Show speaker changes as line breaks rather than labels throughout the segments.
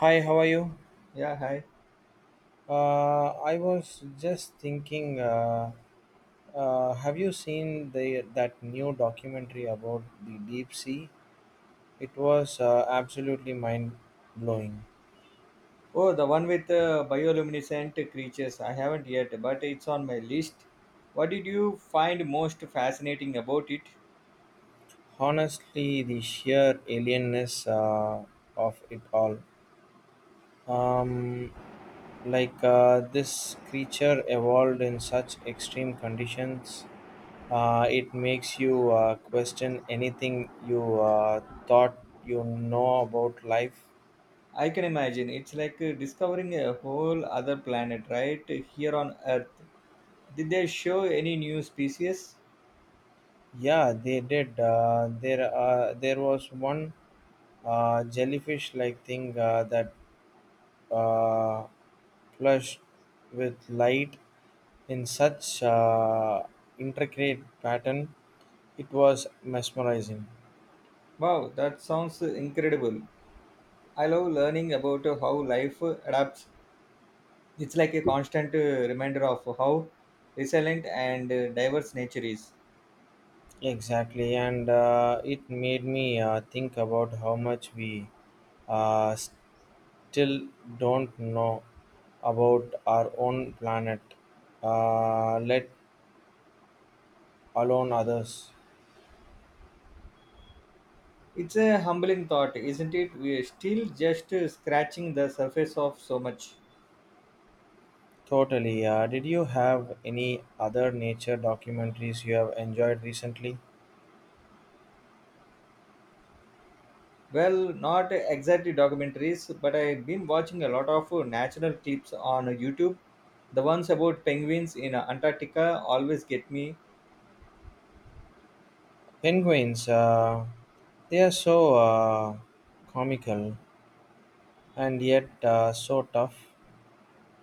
Hi, how are you?
Yeah, hi.
I was just thinking, have you seen the that new documentary about the deep sea? It was absolutely mind blowing.
Oh, the one with bioluminescent creatures. I haven't yet, but it's on my list. What did you find most fascinating about it?
Honestly, the sheer alienness of it all. Um, like this creature evolved in such extreme conditions. It makes you question anything you thought about life.
I can imagine. It's like discovering a whole other planet right here on Earth. Did they show any new species?
Yeah, they did. There was one jellyfish-like thing that uh, flushed with light in such intricate pattern. It was mesmerizing.
Wow, that sounds incredible. I love learning about how life adapts. It's like a constant reminder of how resilient and diverse nature is.
Exactly, and it made me think about how much we uh, still don't know about our own planet, let alone others.
It's a humbling thought, isn't it? We're still just scratching the surface of so much.
Totally. Did you have any other nature documentaries you have enjoyed recently?
Well, not exactly documentaries, but I've been watching a lot of natural clips on YouTube. The ones about penguins in Antarctica always get me.
Penguins, they are so comical and yet so tough.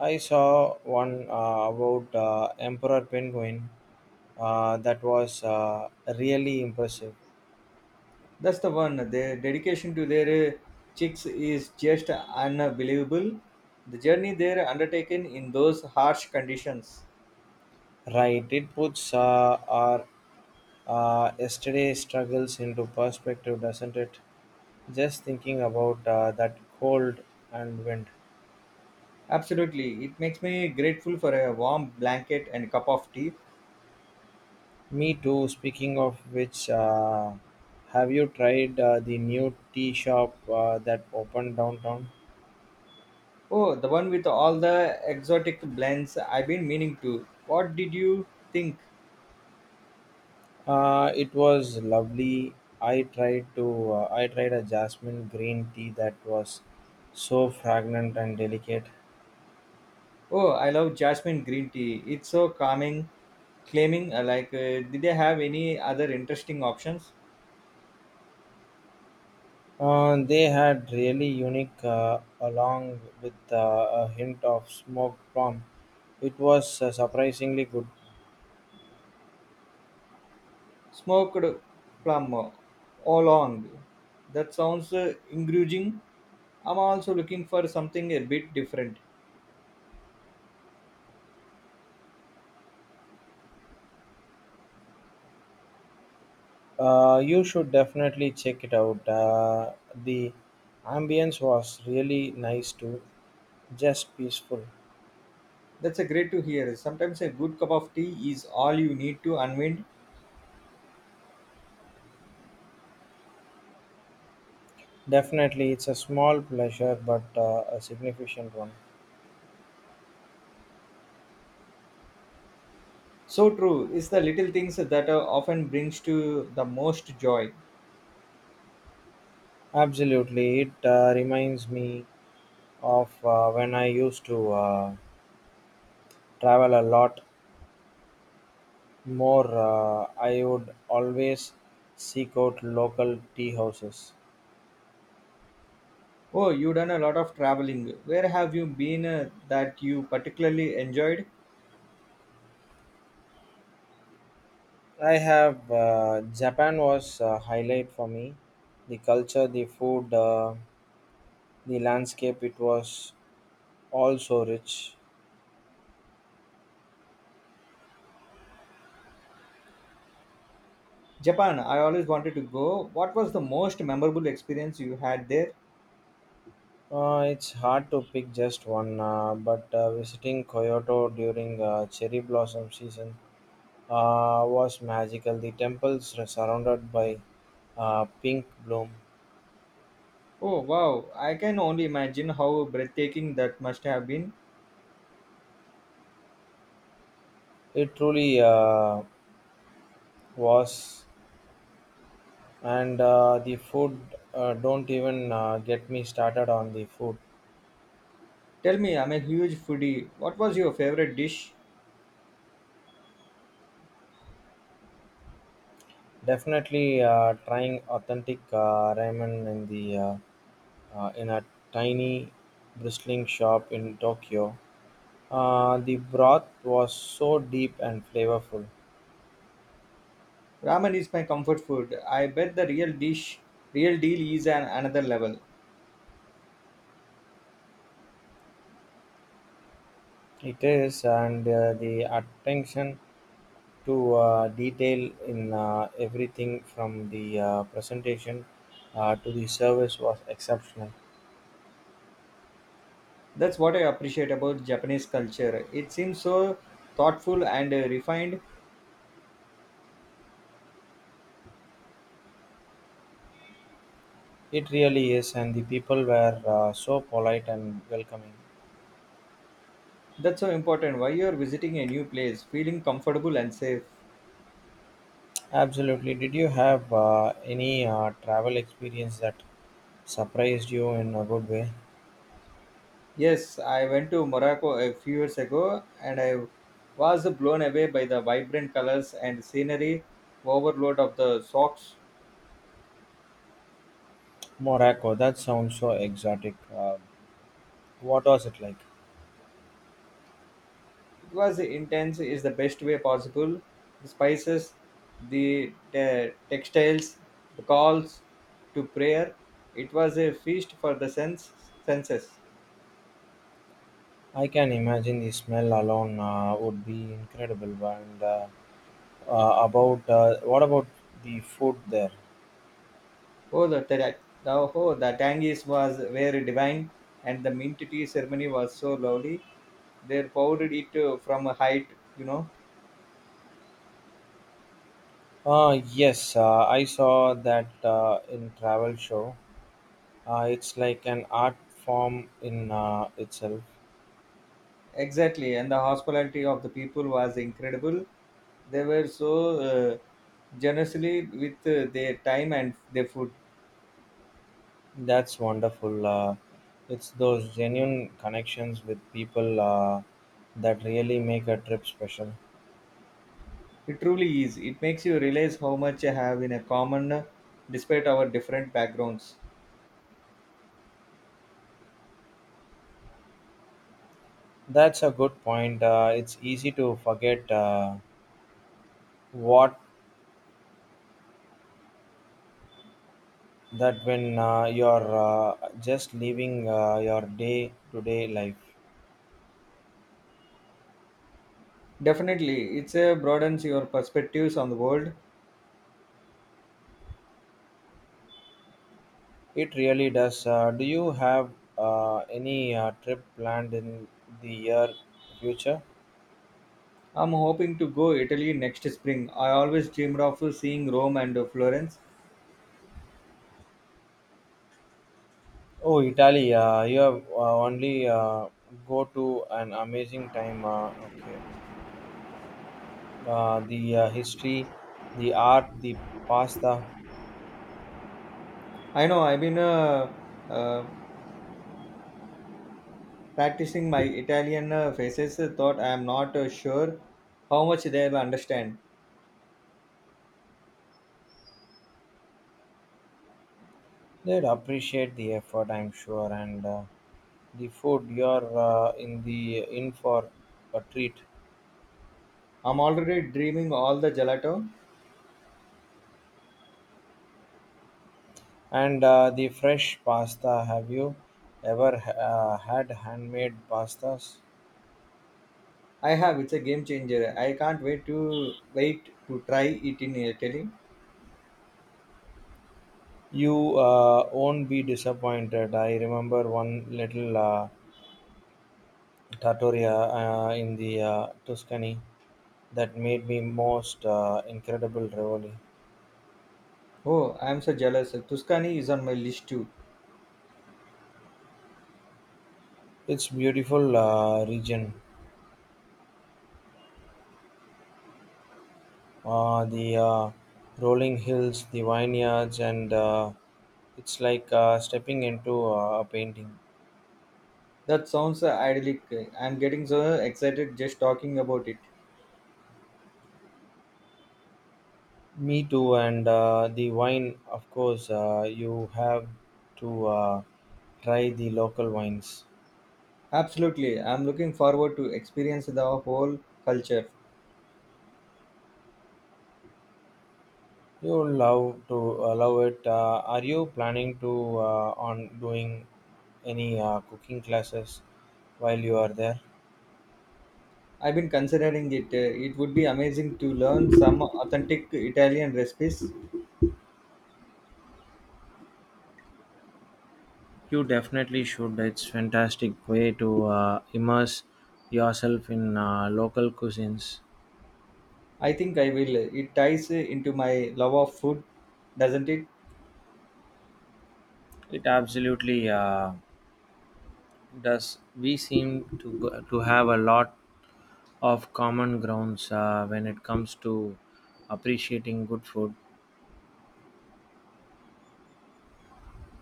I saw one about Emperor Penguin that was really impressive.
That's the one. Their dedication to their chicks is just unbelievable. The journey they're undertaken in those harsh conditions.
Right, it puts our yesterday's struggles into perspective, doesn't it? Just thinking about that cold and wind.
Absolutely. It makes me grateful for a warm blanket and cup of tea.
Me too. Speaking of which, have you tried the new tea shop that opened downtown?
Oh, the one with all the exotic blends. I've been meaning to. What did you think?
It was lovely. I tried a jasmine green tea that was so fragrant and delicate.
Oh, I love jasmine green tea. It's so calming, claiming like, did they have any other interesting options?
They had really unique along with a hint of smoked plum. It was surprisingly good.
Smoked plum all along. That sounds engaging. I'm also looking for something a bit different.
You should definitely check it out. The ambience was really nice too, just peaceful.
That's a great to hear. Sometimes a good cup of tea is all you need to unwind.
Definitely, it's a small pleasure, but a significant one.
So true. It's the little things that often brings to the most joy.
Absolutely, it reminds me of when I used to travel a lot more. I would always seek out local tea houses.
Oh, you've done a lot of traveling. Where have you been that you particularly enjoyed?
I have. Japan was a highlight for me. The culture, the food. The landscape, it was also rich.
Japan, I always wanted to go. What was the most memorable experience you had there?
It's hard to pick just one, but visiting Kyoto during cherry blossom season was magical. The temples were surrounded by pink bloom.
Oh, wow. I can only imagine how breathtaking that must have been.
It truly was, and the food. Don't even get me started on the food.
Tell me, I'm a huge foodie. What was your favorite dish?
Definitely trying authentic ramen in the in a tiny bristling shop in Tokyo. The broth was so deep and flavorful.
Ramen is my comfort food. I bet the real deal is an another level.
It is, and the attention to detail in everything from the presentation to the service was exceptional.
That's what I appreciate about Japanese culture. It seems so thoughtful and refined.
It really is, and the people were so polite and welcoming.
That's so important. Why you're visiting a new place, feeling comfortable and safe.
Absolutely. Did you have any travel experience that surprised you in a good way?
Yes, I went to Morocco a few years ago and I was blown away by the vibrant colors and scenery overload of the socks.
Morocco, that sounds so exotic. What was it like?
It was intense is the best way possible. The spices, textiles, the calls to prayer. It was a feast for the senses.
I can imagine the smell alone would be incredible. And about What about the food there?
Oh, the tangies was were divine, and the mint tea ceremony was so lovely. They poured it from a height, you know.
Yes, I saw that in travel show. It's like an art form in itself.
Exactly, and the hospitality of the people was incredible. They were so uh, generously with their time and their food.
That's wonderful. It's those genuine connections with people that really make a trip special.
It truly is. It makes you realize how much you have in a common, despite our different backgrounds.
That's a good point. It's easy to forget what that when you're just living your day to day life.
Definitely, it's a broadens your perspectives on the world.
It really does. Do you have any trip planned in the year future?
I'm hoping to go Italy next spring. I always dreamed of seeing Rome and Florence.
Oh, Italy. You have only go to an amazing time. Okay. The history, the art, the pasta.
I know I've been uh, practicing my Italian faces. Thought I am not sure how much they will understand.
They'd appreciate the effort, I'm sure. And the food, you're in for a treat.
I'm already dreaming all the gelato.
And the fresh pasta, have you ever had handmade pastas?
I have. It's a game changer. I can't wait to wait to try it in Italy.
You won't be disappointed. I remember one little trattoria in the Tuscany that made me most incredible ravioli.
Oh, I'm so jealous. Tuscany is on my list too.
It's beautiful region. The rolling hills, the vineyards, and it's like stepping into a painting.
That sounds idyllic. I'm getting so excited just talking about it.
Me too, and the wine, of course, you have to try the local wines.
Absolutely. I'm looking forward to experience the whole culture.
You love to love it. Are you planning to on doing any cooking classes while you are there?
I've been considering it. It would be amazing to learn some authentic Italian recipes.
You definitely should. It's fantastic way to immerse yourself in local cuisines.
I think I will. It ties into my love of food, doesn't it?
It absolutely does. We seem to have a lot of common grounds when it comes to appreciating good food.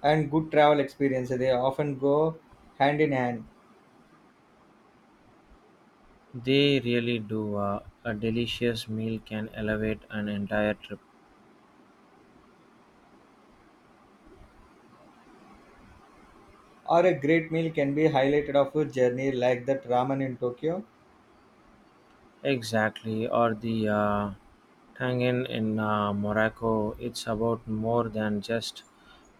And good travel experience. They often go hand in hand.
They really do. A delicious meal can elevate an entire trip.
Or a great meal can be highlighted of a journey like that ramen in Tokyo.
Exactly, or the tangin in Morocco. It's about more than just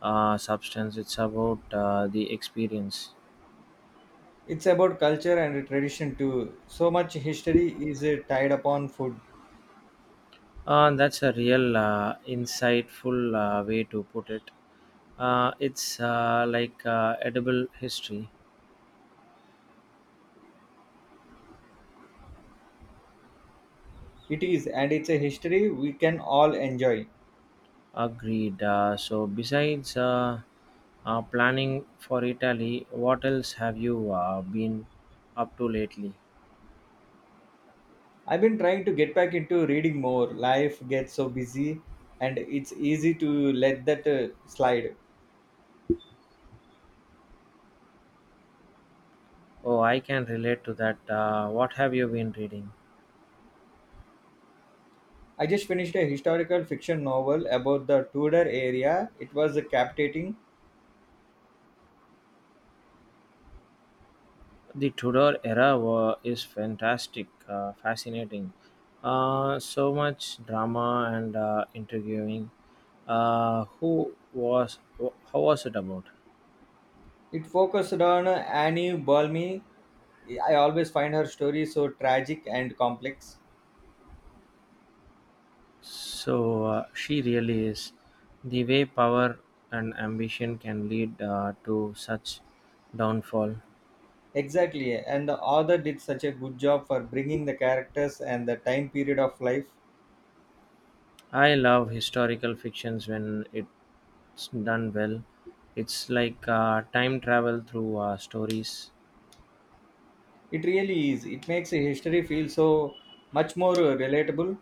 substance. It's about the experience.
It's about culture and tradition too. So much history is tied upon food.
That's a real insightful way to put it. It's like edible history.
It is, and it's a history we can all enjoy.
Agreed. So, besides planning for Italy, what else have you been up to lately?
I've been trying to get back into reading more. Life gets so busy and it's easy to let that slide.
Oh, I can relate to that. What have you been reading?
I just finished a historical fiction novel about the Tudor area. It was captivating.
The Tudor era is fantastic, fascinating. So much drama and interviewing. How was it about?
It focused on Annie Balmy. I always find her story so tragic and complex.
So she really is. The way power and ambition can lead to such downfall.
Exactly, and the author did such a good job for bringing the characters and the time period of life.
I love historical fictions when it's done well. It's like time travel through stories.
It really is. It makes history feel so much more relatable.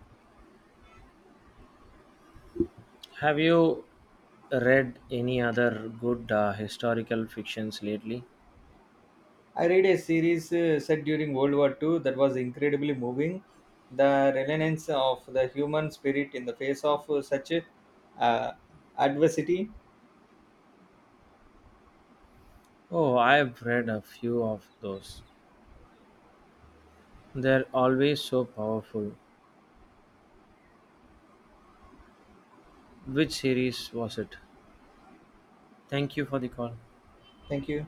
Have you read any other good historical fictions lately?
I read a series set during World War II that was incredibly moving. The resilience of the human spirit in the face of such uh, adversity.
Oh, I've read a few of those. They're always so powerful. Which series was it? Thank you for the call.
Thank you.